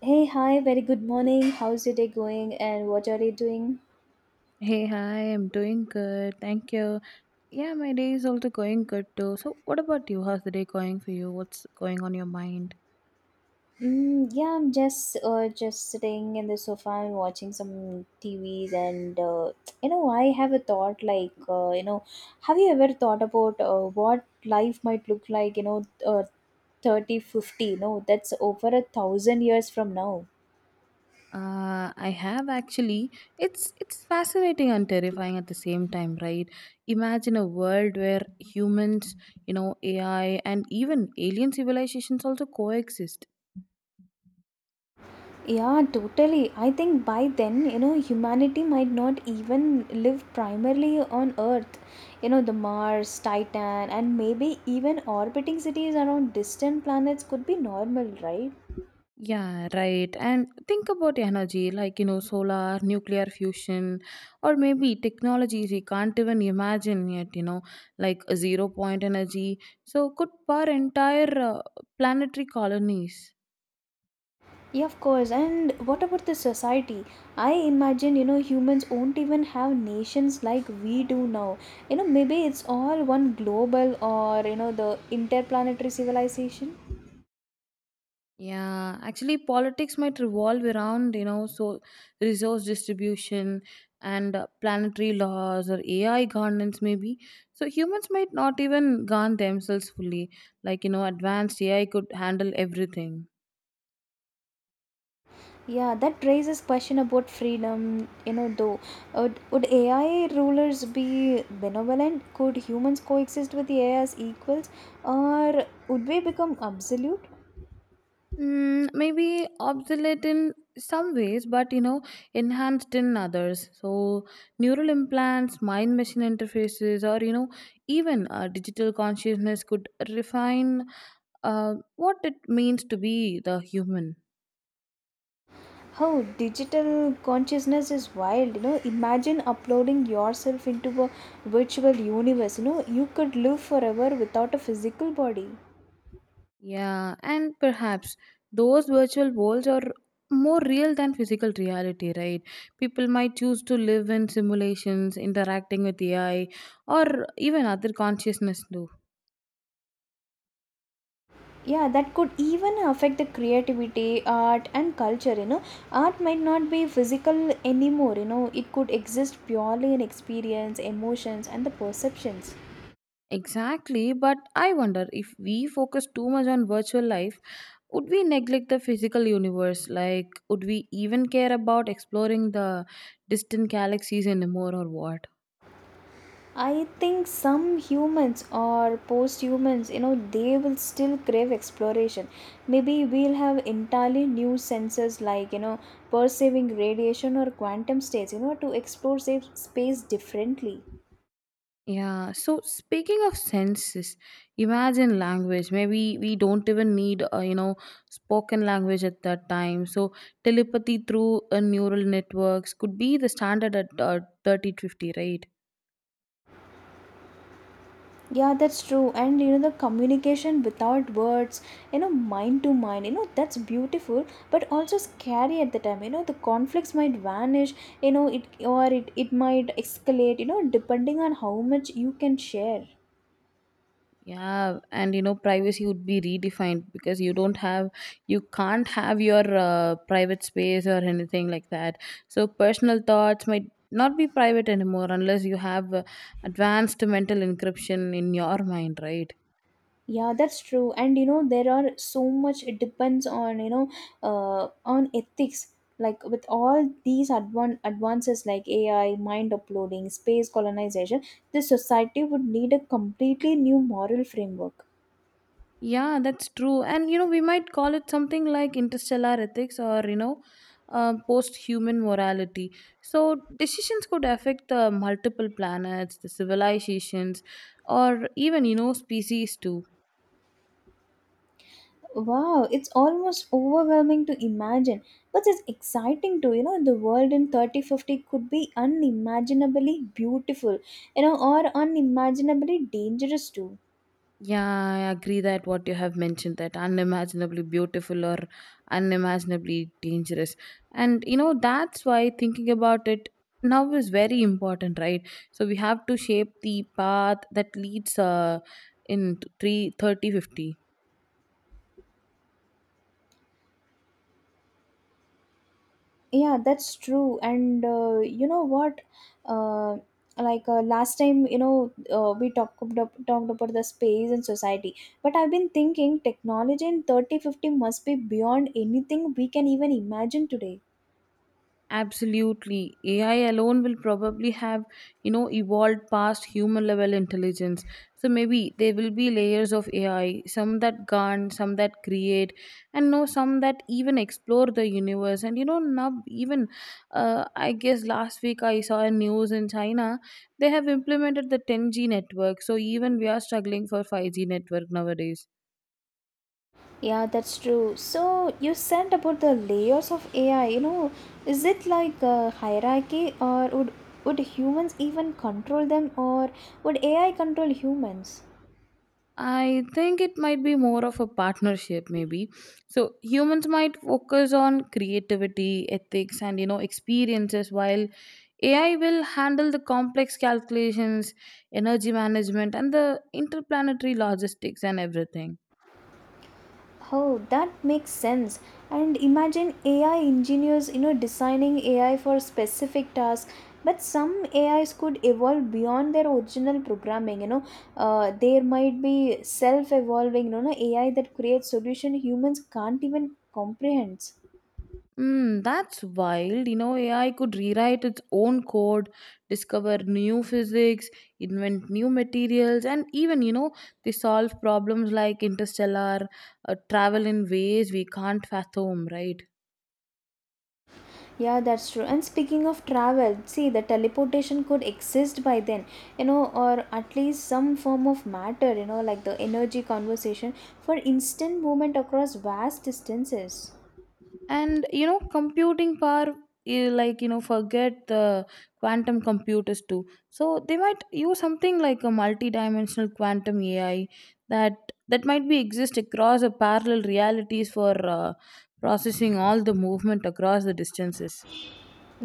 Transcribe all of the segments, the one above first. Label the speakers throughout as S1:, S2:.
S1: Hey, hi, very good morning. How's your day going and what are you doing?
S2: Hey, hi, I'm doing good. Thank you. Yeah, my day is also going good too. So, what about you? How's the day going for you? What's going on your mind?
S1: Yeah, I'm just sitting in the sofa and watching some TVs and I have a thought like have you ever thought about what life might look like, 3050. No, that's over a thousand years from now.
S2: I have actually. It's fascinating and terrifying at the same time, right? Imagine a world where humans, you know, AI and even alien civilizations also coexist.
S1: Yeah, totally. I think by then, you know, humanity might not even live primarily on Earth. You know, the Mars, Titan, and maybe even orbiting cities around distant planets could be normal, right?
S2: Yeah, right. And think about energy like, you know, solar, nuclear fusion, or maybe technologies we can't even imagine yet, you know, like a zero point energy. So, could power entire planetary colonies.
S1: Yeah, of course. And what about the society? I imagine, you know, humans won't even have nations like we do now. You know, maybe it's all one global or, you know, the interplanetary civilization.
S2: Yeah, actually, politics might revolve around, you know, so resource distribution and planetary laws or AI governance, maybe. So, humans might not even govern themselves fully. Like, you know, advanced AI could handle everything.
S1: Yeah, that raises question about freedom. You know, though, would AI rulers be benevolent? Could humans coexist with the AI as equals, or would we become absolute?
S2: Mm, maybe obsolete in some ways, but you know, enhanced in others. So, neural implants, mind machine interfaces, or you know, even digital consciousness could refine what it means to be the human.
S1: How digital consciousness is wild. You know, imagine uploading yourself into a virtual universe. You know, you could live forever without a physical body.
S2: Yeah, and perhaps those virtual worlds are more real than physical reality, right? People might choose to live in simulations, interacting with AI, or even other consciousness too.
S1: Yeah, that could even affect the creativity, art, and culture. You know, art might not be physical anymore. You know, it could exist purely in experience, emotions, and the perceptions.
S2: Exactly, but I wonder if we focus too much on virtual life, would we neglect the physical universe? Like, would we even care about exploring the distant galaxies anymore or what?
S1: I think some humans or post humans, you know, they will still crave exploration. Maybe we'll have entirely new senses, like, you know, perceiving radiation or quantum states, you know, to explore space differently.
S2: Yeah, so speaking of senses, imagine language. Maybe we don't even need, you know, spoken language at that time. So telepathy through neural networks could be the standard at 3050, right?
S1: Yeah, that's true. And you know, the communication without words, you know, mind to mind, you know, that's beautiful, but also scary at the time. You know, the conflicts might vanish, you know, it might escalate, you know, depending on how much you can share.
S2: Yeah, and you know, privacy would be redefined because you don't have, you can't have your private space or anything like that. So, personal thoughts might not be private anymore unless you have advanced mental encryption in your mind, right?
S1: Yeah, that's true. And you know, there are so much, it depends on, you know, on ethics. Like with all these advances like AI, mind uploading, space colonization, the society would need a completely new moral framework.
S2: Yeah, that's true. And you know, we might call it something like interstellar ethics or you know, post human morality. So, decisions could affect multiple planets, the civilizations, or even you know, species too.
S1: Wow, it's almost overwhelming to imagine, but it's exciting too. You know, the world in 3050 could be unimaginably beautiful, you know, or unimaginably dangerous too.
S2: Yeah, I agree that what you have mentioned that unimaginably beautiful or unimaginably dangerous. And you know, that's why thinking about it now is very important, right? So we have to shape the path that leads in 3 3050.
S1: Yeah, that's true. And you know what? Uh, last time, we talked about the space and society, but I've been thinking technology in 3050 must be beyond anything we can even imagine today.
S2: Absolutely. AI alone will probably have, you know, evolved past human level intelligence. So maybe there will be layers of AI, some that garn, some that create, and no, some that even explore the universe. And you know, now even, I guess last week I saw a news in China, they have implemented the 10G network. So even we are struggling for 5G network nowadays.
S1: Yeah, that's true. So you said about the layers of AI, you know, is it like a hierarchy or would humans even control them or would AI control humans?
S2: I think it might be more of a partnership, maybe. So humans might focus on creativity, ethics, and you know experiences, while AI will handle the complex calculations, energy management, and the interplanetary logistics and everything.
S1: Oh, that makes sense. And imagine AI engineers, you know, designing AI for specific tasks, but some AIs could evolve beyond their original programming, you know. There might be self-evolving, you know, AI that creates solution humans can't even comprehend.
S2: Mm, that's wild. You know, AI could rewrite its own code, discover new physics, invent new materials, and even, you know, they solve problems like interstellar travel in ways we can't fathom, right?
S1: Yeah, that's true. And speaking of travel, see, the teleportation could exist by then, you know, or at least some form of matter, you know, like the energy conversation for instant movement across vast distances.
S2: And you know computing power like you know forget the quantum computers too, so they might use something like a multi-dimensional quantum AI that might be exist across a parallel realities for processing all the movement across the distances.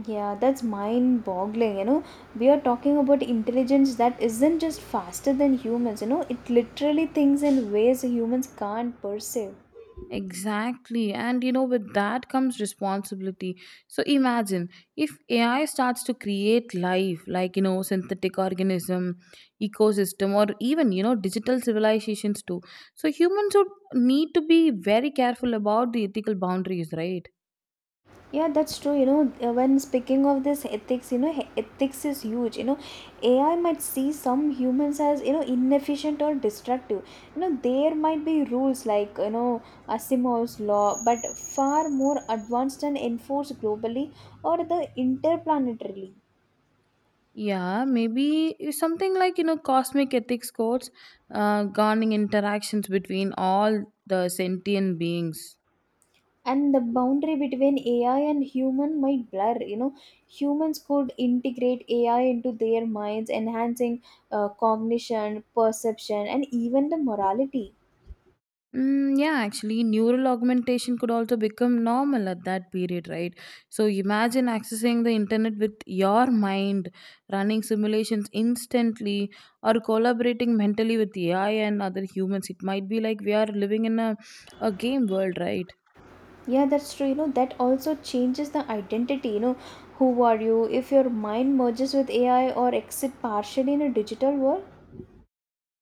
S1: Yeah, that's mind boggling, you know. We are talking about intelligence that isn't just faster than humans, you know, it literally thinks in ways humans can't perceive.
S2: Exactly. And you know, with that comes responsibility. So imagine if AI starts to create life, like, you know, synthetic organism, ecosystem, or even, you know, digital civilizations too. So humans would need to be very careful about the ethical boundaries, right?
S1: Yeah, that's true. You know, when speaking of this ethics, you know, ethics is huge. You know, AI might see some humans as, you know, inefficient or destructive. You know, there might be rules like, you know, Asimov's law, but far more advanced and enforced globally or the interplanetarily.
S2: Yeah, maybe something like, you know, cosmic ethics codes governing interactions between all the sentient beings.
S1: And the boundary between AI and human might blur. You know, humans could integrate AI into their minds, enhancing cognition, perception, and even the morality.
S2: Mm, yeah, actually, neural augmentation could also become normal at that period, right? So imagine accessing the internet with your mind, running simulations instantly, or collaborating mentally with AI and other humans. It might be like we are living in a game world, right?
S1: Yeah, that's true. You know, that also changes the identity. You know, who are you if your mind merges with AI or exit partially in a digital world?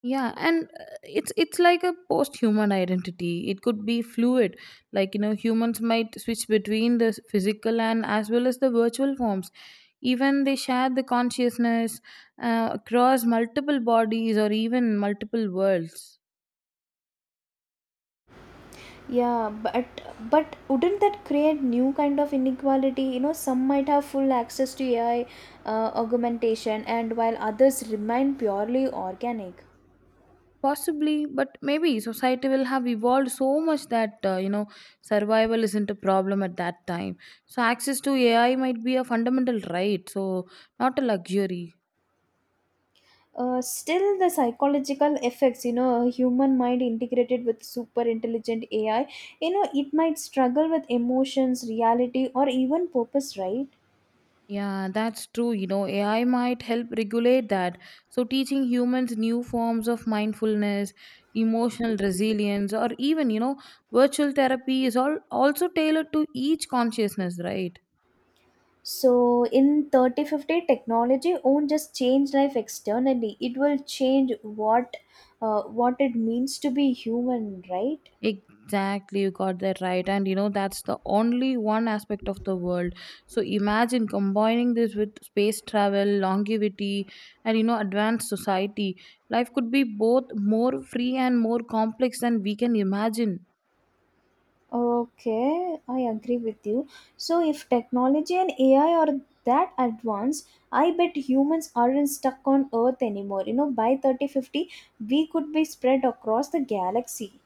S2: Yeah, and it's like a post human identity. It could be fluid, like you know humans might switch between the physical and as well as the virtual forms, even they share the consciousness across multiple bodies or even multiple worlds.
S1: Yeah, but wouldn't that create new kind of inequality? You know, some might have full access to AI augmentation and while others remain purely organic.
S2: Possibly, but maybe society will have evolved so much that you know survival isn't a problem at that time, so access to AI might be a fundamental right, so not a luxury.
S1: Still the psychological effects, you know, a human mind integrated with super intelligent AI, you know, it might struggle with emotions, reality, or even purpose, right?
S2: Yeah, that's true. You know, AI might help regulate that. So, teaching humans new forms of mindfulness, emotional resilience, or even, you know, virtual therapy is all also tailored to each consciousness, right?
S1: So in 3050, technology won't just change life externally. It will change what it means to be human, right?
S2: Exactly, you got that right. And you know, that's the only one aspect of the world. So, imagine combining this with space travel, longevity, and you know, advanced society. Life could be both more free and more complex than we can imagine.
S1: Okay, I agree with you. So if technology and AI are that advanced, I bet humans aren't stuck on Earth anymore. You know, by 3050, we could be spread across the galaxy.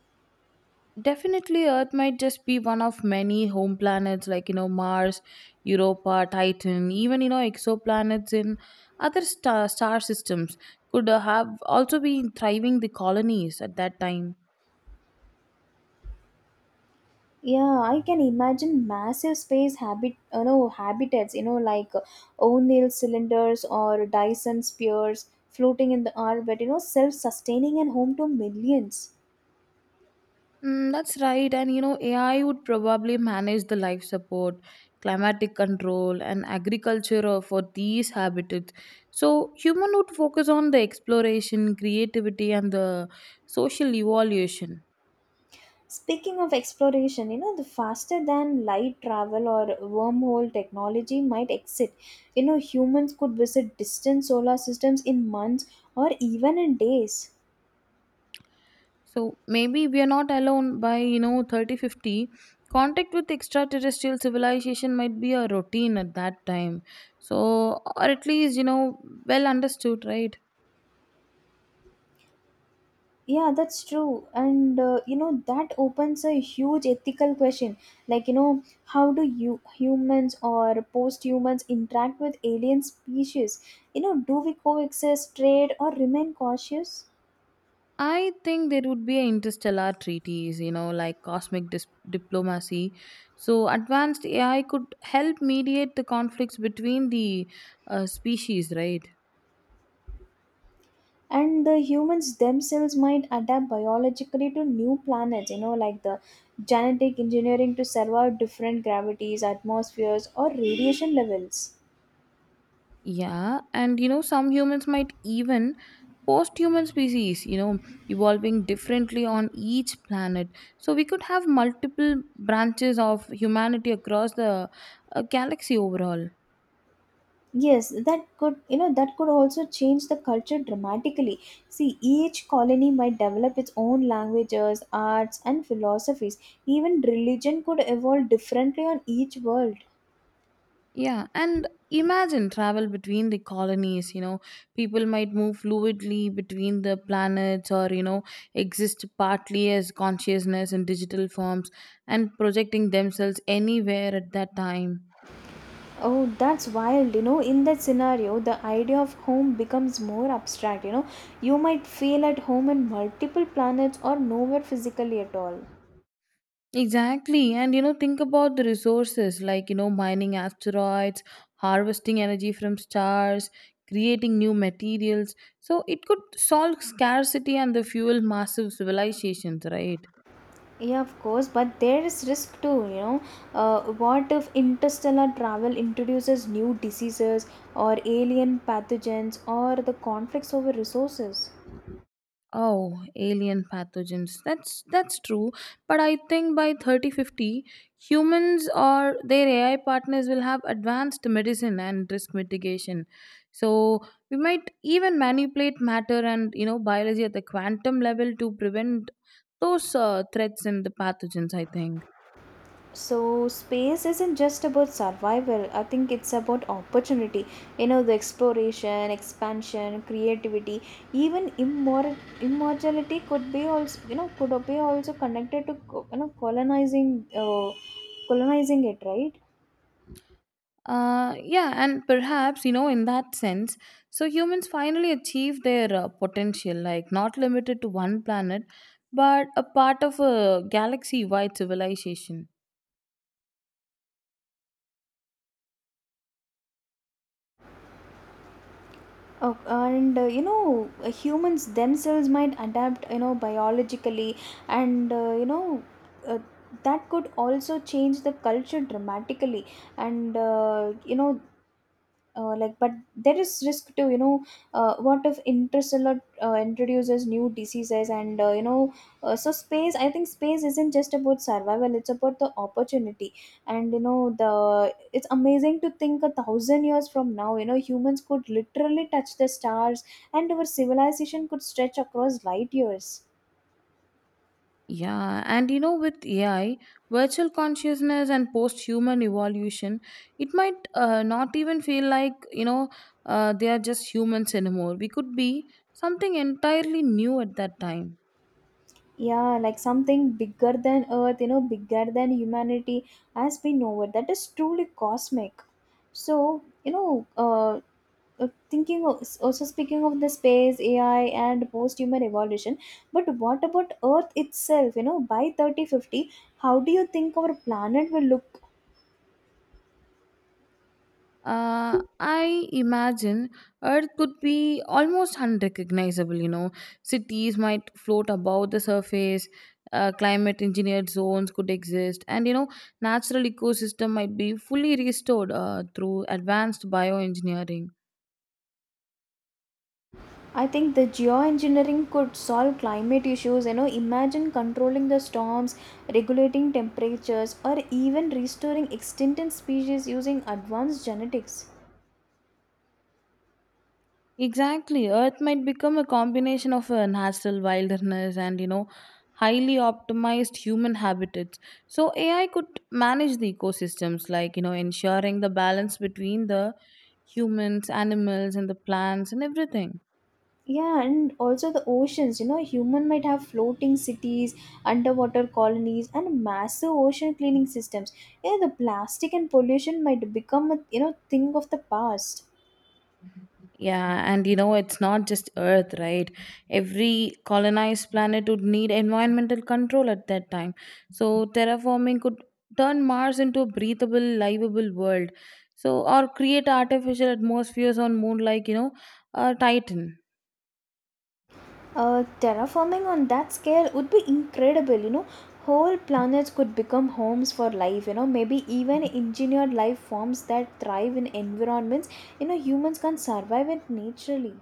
S2: Definitely, Earth might just be one of many home planets like, you know, Mars, Europa, Titan, even, you know, exoplanets in other star systems could have also been thriving the colonies at that time.
S1: Yeah, I can imagine massive you know, habitats, you know, like O'Neill cylinders or Dyson spheres floating in the orbit, you know, self-sustaining and home to millions.
S2: Mm, that's right. And, you know, AI would probably manage the life support, climatic control, and agriculture for these habitats. So, human would focus on the exploration, creativity, and the social evolution.
S1: Speaking of exploration, you know, the faster than light travel or wormhole technology might exist. You know, humans could visit distant solar systems in months or even in days.
S2: So maybe we are not alone by, you know, 3050. Contact with extraterrestrial civilization might be a routine at that time. So, or at least, you know, well understood, right?
S1: Yeah, that's true. And you know, that opens a huge ethical question. Like, you know, how do you humans or post humans interact with alien species? You know, do we coexist, trade, or remain cautious?
S2: I think there would be interstellar treaties, you know, like cosmic diplomacy. So, advanced AI could help mediate the conflicts between the species, right?
S1: And the humans themselves might adapt biologically to new planets, you know, like the genetic engineering to survive different gravities, atmospheres, or radiation levels.
S2: Yeah, and you know, some humans might even post human species, you know, evolving differently on each planet. So we could have multiple branches of humanity across the galaxy overall.
S1: Yes, that could, you know, that could also change the culture dramatically. See, each colony might develop its own languages, arts, and philosophies. Even religion could evolve differently on each world.
S2: Yeah, and imagine travel between the colonies. You know, people might move fluidly between the planets or, you know, exist partly as consciousness in digital forms and projecting themselves anywhere at that time.
S1: Oh, that's wild. You know, in that scenario, the idea of home becomes more abstract. You know, you might feel at home in multiple planets or nowhere physically at all.
S2: Exactly. And you know, think about the resources like, you know, mining asteroids, harvesting energy from stars, creating new materials. So it could solve scarcity and the fuel massive civilizations, right?
S1: Yeah, of course, but there is risk too, you know. What if interstellar travel introduces new diseases or alien pathogens or the conflicts over resources?
S2: Oh, alien pathogens. That's true. But I think by 3050, humans or their AI partners will have advanced medicine and risk mitigation. So we might even manipulate matter and you know biology at the quantum level to prevent those threats and the pathogens, I think.
S1: So, space isn't just about survival, I think it's about opportunity. You know, the exploration, expansion, creativity, even immortality could be also, you know, could be also connected to, you know, colonizing, colonizing it, right?
S2: Yeah, and perhaps, you know, in that sense, so humans finally achieved their potential, like not limited to one planet, but a part of a galaxy wide civilization.
S1: Oh, and you know, humans themselves might adapt, you know, biologically, and uh, that could also change the culture dramatically. And like but there is risk to, you know, what if interstellar introduces new diseases and so space, I think space isn't just about survival, it's about the opportunity. And you know, the it's amazing to think a thousand years from now, you know, humans could literally touch the stars and our civilization could stretch across light years.
S2: Yeah, and you know, with AI, virtual consciousness and post human evolution, it might not even feel like, you know, they are just humans anymore. We could be something entirely new at that time.
S1: Yeah, like something bigger than earth, you know, bigger than humanity as we know it. That is truly cosmic. So you know, thinking of, also speaking of the space AI and post human evolution, but what about earth itself? You know, by 3050, how do you think our planet will look?
S2: I imagine Earth could be almost unrecognizable, you know. Cities might float above the surface, climate engineered zones could exist, and you know, natural ecosystem might be fully restored through advanced bioengineering.
S1: I think the geoengineering could solve climate issues. You know, imagine controlling the storms, regulating temperatures, or even restoring extinct species using advanced genetics.
S2: Exactly. Earth might become a combination of a natural wilderness and, you know, highly optimized human habitats. So AI could manage the ecosystems, like, you know, ensuring the balance between the humans, animals, and the plants and everything.
S1: Yeah, and also the oceans. You know, human might have floating cities, underwater colonies, and massive ocean cleaning systems. Yeah, the plastic and pollution might become a, you know, thing of the past.
S2: Yeah, and you know, it's not just Earth, right? Every colonized planet would need environmental control at that time. So, terraforming could turn Mars into a breathable, livable world. So, or create artificial atmospheres on moon like, you know, Titan.
S1: Terraforming on that scale would be incredible. You know, whole planets could become homes for life. You know, maybe even engineered life forms that thrive in environments, you know, humans can't survive it naturally.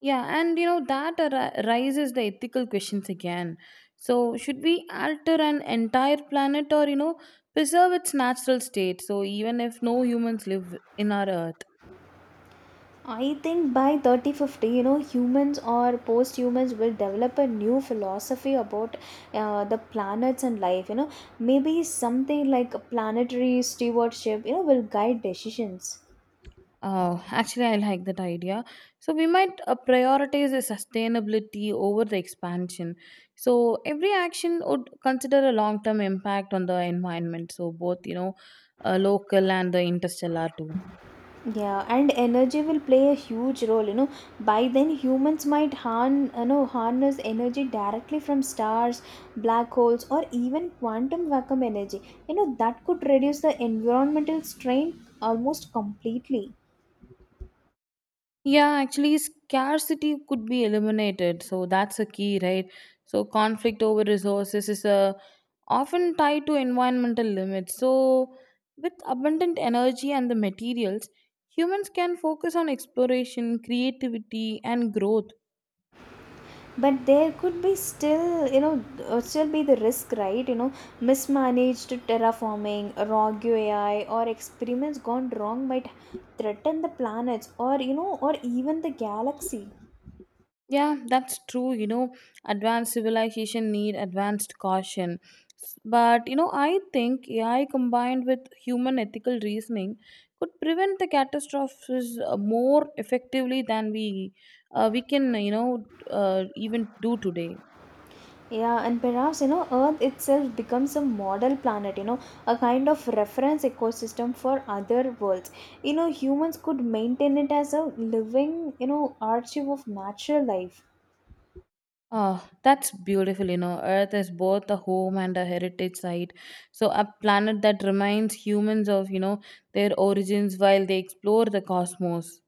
S2: Yeah, and you know, that raises the ethical questions again. So, should we alter an entire planet or, you know, preserve its natural state? So, even if no humans live in our Earth.
S1: I think by 3050, you know, humans or post humans will develop a new philosophy about the planets and life. You know, maybe something like planetary stewardship, you know, will guide decisions.
S2: Actually, I like that idea. So, we might prioritize the sustainability over the expansion. So, every action would consider a long term impact on the environment. So, both, you know, local and the interstellar too.
S1: Yeah, and energy will play a huge role. You know, by then humans might you know, harness energy directly from stars, black holes, or even quantum vacuum energy. You know, that could reduce the environmental strain almost completely.
S2: Yeah, actually, scarcity could be eliminated. So that's a key, right? So conflict over resources is often tied to environmental limits. So with abundant energy and the materials, humans can focus on exploration, creativity, and growth.
S1: But there could be still, you know, still be the risk, right? You know, mismanaged terraforming, rogue AI, or experiments gone wrong might threaten the planets or, you know, or even the galaxy.
S2: Yeah, that's true. You know, advanced civilization need advanced caution. But you know, I think AI combined with human ethical reasoning could prevent the catastrophes more effectively than we can you know even do today.
S1: Yeah, and perhaps, you know, earth itself becomes a model planet, you know, a kind of reference ecosystem for other worlds. You know, humans could maintain it as a living, you know, archive of natural life.
S2: Ah, that's beautiful. You know, Earth is both a home and a heritage site. So, a planet that reminds humans of you know their origins while they explore the cosmos.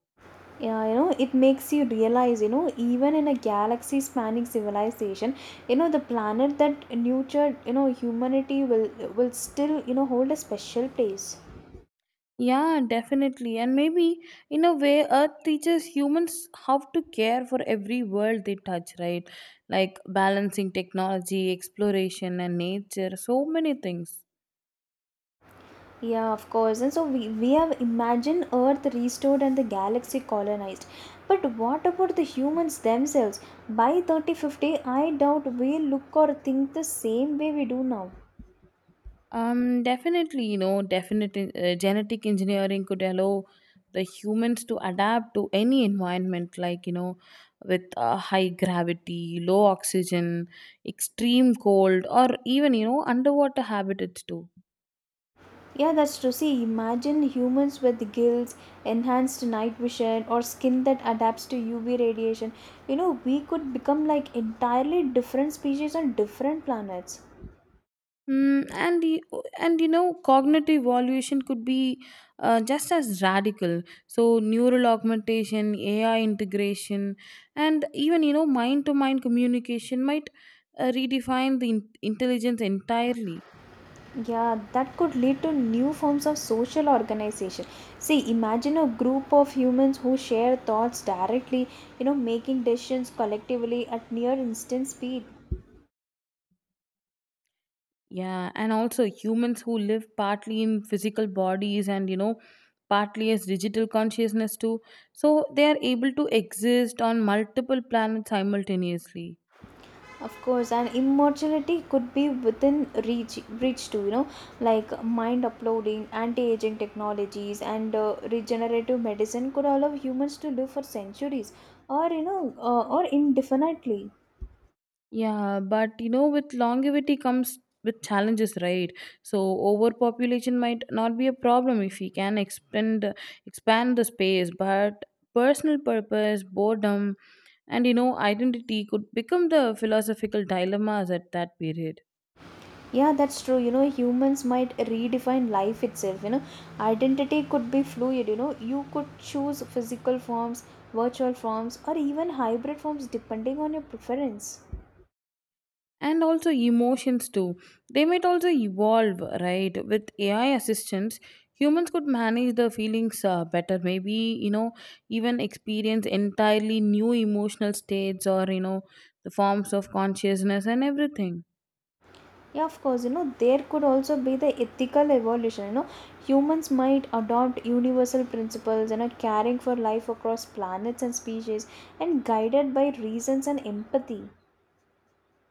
S1: Yeah, you know, it makes you realize, you know, even in a galaxy spanning civilization, you know, the planet that nurtured, you know, humanity will, still, you know, hold a special place.
S2: Yeah, definitely. And maybe in a way, Earth teaches humans how to care for every world they touch, right? Like balancing technology, exploration, and nature, so many things.
S1: Yeah, of course. And so we have imagined earth restored and the galaxy colonized, but what about the humans themselves? By 3050 I doubt we look or think the same way we do now.
S2: Definitely, you know, definite genetic engineering could allow the humans to adapt to any environment, like you know, with high gravity, low oxygen, extreme cold, or even you know, underwater habitats too.
S1: Yeah, that's true. See, imagine humans with gills, enhanced night vision, or skin that adapts to UV radiation. You know, we could become like entirely different species on different planets.
S2: Mm, and the and cognitive evaluation could be just as radical. So neural augmentation, AI integration, and even mind to mind communication might redefine the intelligence entirely.
S1: Yeah, that could lead to new forms of social organization. See, imagine a group of humans who share thoughts directly, you know, making decisions collectively at near instant speed.
S2: Yeah, and also humans who live partly in physical bodies and partly as digital consciousness too, so they are able to exist on multiple planets simultaneously.
S1: Of course, and immortality could be within reach too, you know, like mind uploading, anti-aging technologies, and regenerative medicine could allow humans to live for centuries, or you know, or indefinitely.
S2: Yeah, but with longevity comes with challenges, right? So overpopulation might not be a problem if we can expand the space, but personal purpose, boredom, and identity could become the philosophical dilemmas at that period.
S1: Yeah, that's true. You know, humans might redefine life itself. You know, identity could be fluid. You know, you could choose physical forms, virtual forms, or even hybrid forms depending on your preference.
S2: And also emotions too, they might also evolve, right? With AI assistants, humans could manage the feelings better maybe, even experience entirely new emotional states, or the forms of consciousness and everything.
S1: Yeah, of course, you know, there could also be the ethical evolution. You know, humans might adopt universal principles, you know, caring for life across planets and species, and guided by reasons and empathy.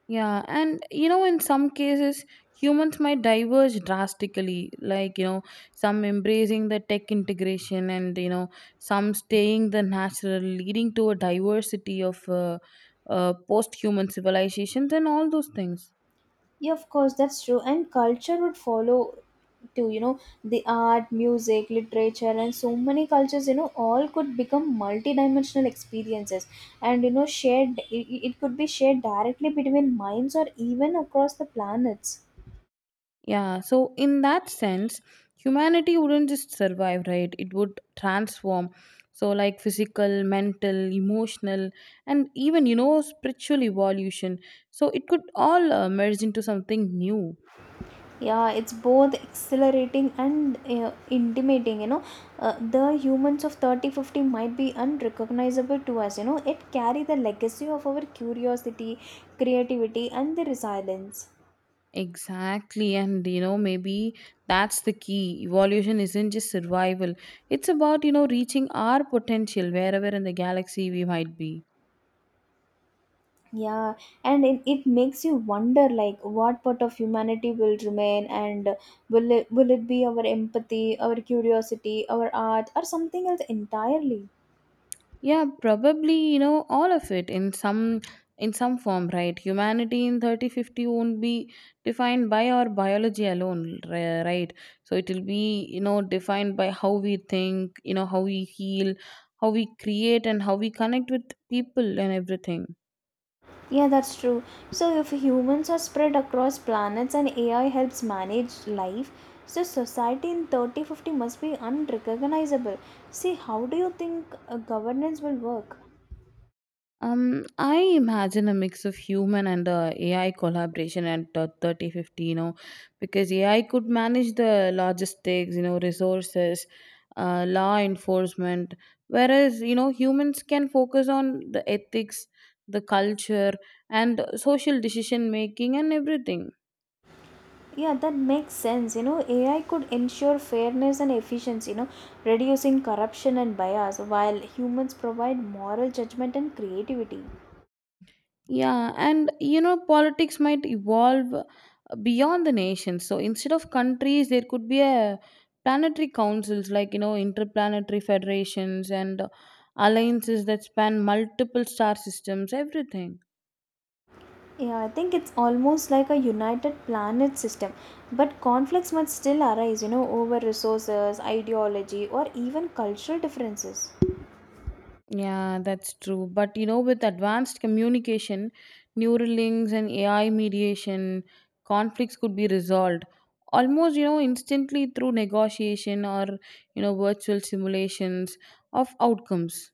S2: Yeah, and in some cases, humans might diverge drastically, like, some embracing the tech integration and, some staying the natural, leading to a diversity of post human civilizations and all those things.
S1: Yeah, of course, that's true. And culture would follow too, you know, the art, music, literature, and so many cultures, you know, all could become multidimensional experiences and, you know, shared, it could be shared directly between minds or even across the planets.
S2: Yeah, so in that sense, humanity wouldn't just survive, right? It would transform. So, like physical, mental, emotional, and even, spiritual evolution. So, it could all merge into something new.
S1: Yeah, it's both exhilarating and intimidating, you know. The humans of 3050 might be unrecognizable to us. You know, it carry the legacy of our curiosity, creativity, and the resilience.
S2: Exactly. And, maybe that's the key. Evolution isn't just survival, it's about, reaching our potential wherever in the galaxy we might be.
S1: Yeah, and it makes you wonder, like, what part of humanity will remain, and will it be our empathy, our curiosity, our art, or something else entirely?
S2: Yeah, probably, all of it in some form, right? Humanity in 3050 won't be defined by our biology alone, right? So it will be, defined by how we think, how we heal, how we create, and how we connect with people and everything.
S1: Yeah, that's true. So, if humans are spread across planets and AI helps manage life, so society in 3050 must be unrecognizable. See, how do you think governance will work?
S2: I imagine a mix of human and AI collaboration at 30 50, because AI could manage the logistics, resources, law enforcement, whereas, humans can focus on the ethics, the culture, and social decision making and everything.
S1: Yeah, that makes sense. You know, AI could ensure fairness and efficiency, you know, reducing corruption and bias, while humans provide moral judgment and creativity.
S2: Yeah, and politics might evolve beyond the nation. So instead of countries, there could be a planetary councils like interplanetary federations and alliances that span multiple star systems. Everything.
S1: Yeah, I think it's almost like a united planet system. But conflicts might still arise, you know, over resources, ideology, or even cultural differences.
S2: Yeah, that's true. But with advanced communication, neural links, and AI mediation, conflicts could be resolved almost instantly through negotiation or virtual simulations of outcomes.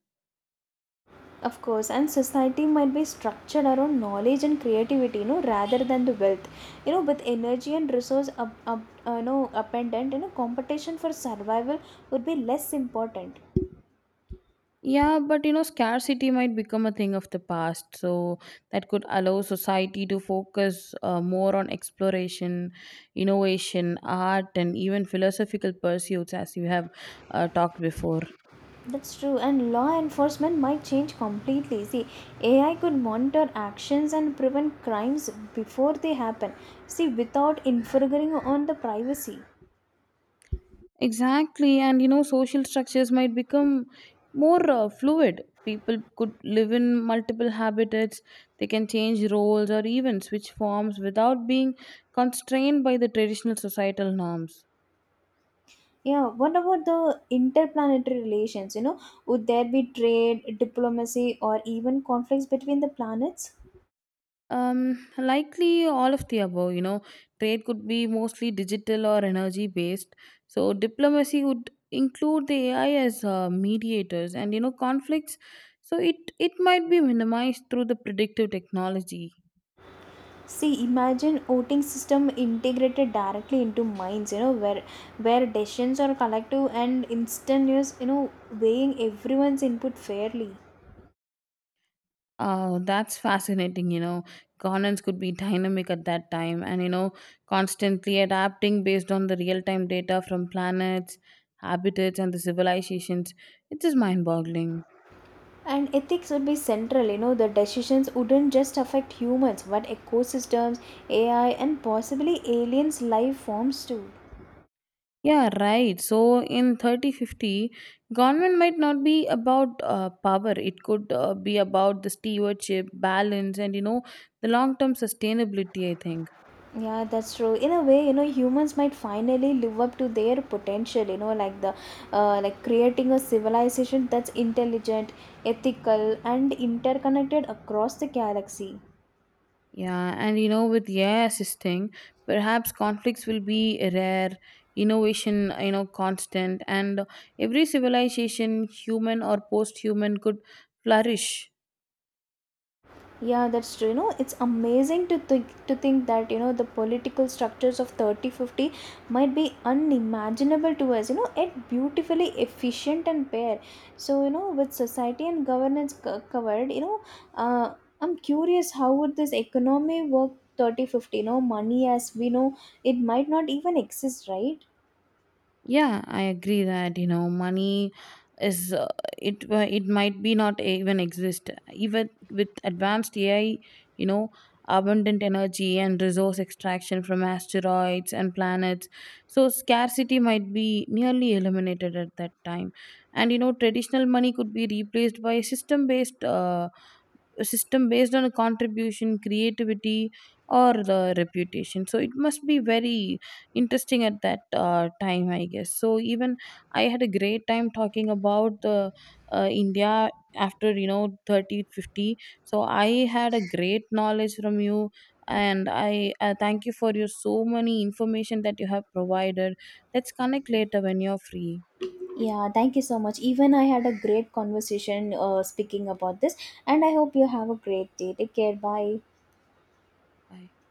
S1: Of course, and society might be structured around knowledge and creativity, you know, rather than the wealth. You know, with energy and resource, you know, appendant, you know, competition for survival would be less important.
S2: Yeah, but scarcity might become a thing of the past, so that could allow society to focus more on exploration, innovation, art, and even philosophical pursuits, as you have talked before.
S1: That's true, and law enforcement might change completely. See, AI could monitor actions and prevent crimes before they happen. See, without infringing on the privacy.
S2: Exactly, and social structures might become more fluid. People could live in multiple habitats, they can change roles or even switch forms without being constrained by the traditional societal norms.
S1: Yeah, what about the interplanetary relations? You know, would there be trade, diplomacy, or even conflicts between the planets?
S2: Likely all of the above, trade could be mostly digital or energy based. So diplomacy would include the AI as mediators, and conflicts, so it might be minimized through the predictive technology.
S1: See, imagine voting system integrated directly into minds. You know, where decisions are collective and instantaneous. You know, weighing everyone's input fairly.
S2: That's fascinating, Governance could be dynamic at that time and constantly adapting based on the real time data from planets, habitats, and the civilizations. It is mind boggling.
S1: And ethics would be central. You know, the decisions wouldn't just affect humans, but ecosystems, AI, and possibly aliens' life forms too.
S2: Yeah, right. So in 3050, government might not be about power. It could be about the stewardship, balance, and the long term sustainability, I think.
S1: Yeah, that's true. In a way, you know, humans might finally live up to their potential, you know, like the like creating a civilization that's intelligent, ethical, and interconnected across the galaxy.
S2: Yeah, and with AI assisting, perhaps conflicts will be rare, innovation, constant, and every civilization, human or post human, could flourish.
S1: Yeah, that's true. You know, it's amazing to think that, you know, the political structures of 3050 might be unimaginable to us, you know, yet beautifully efficient and fair. So, you know, with society and governance covered, you know, uh, I'm curious, how would this economy work 3050? 50, you know, money as we know, it might not even exist, right?
S2: Yeah, I agree that money is it might be not even exist. Even with advanced AI, you know abundant energy and resource extraction from asteroids and planets, so scarcity might be nearly eliminated at that time. And traditional money could be replaced by system based a system based on a contribution, creativity, or the reputation. So it must be very interesting at that time, I guess. So even I had a great time talking about the India after 3050. So I had a great knowledge from you, and I, thank you for your so many information that you have provided. Let's connect later when you're free.
S1: Yeah, thank you so much. Even I had a great conversation speaking about this, and I hope you have a great day. Take care. Bye.
S2: Bye.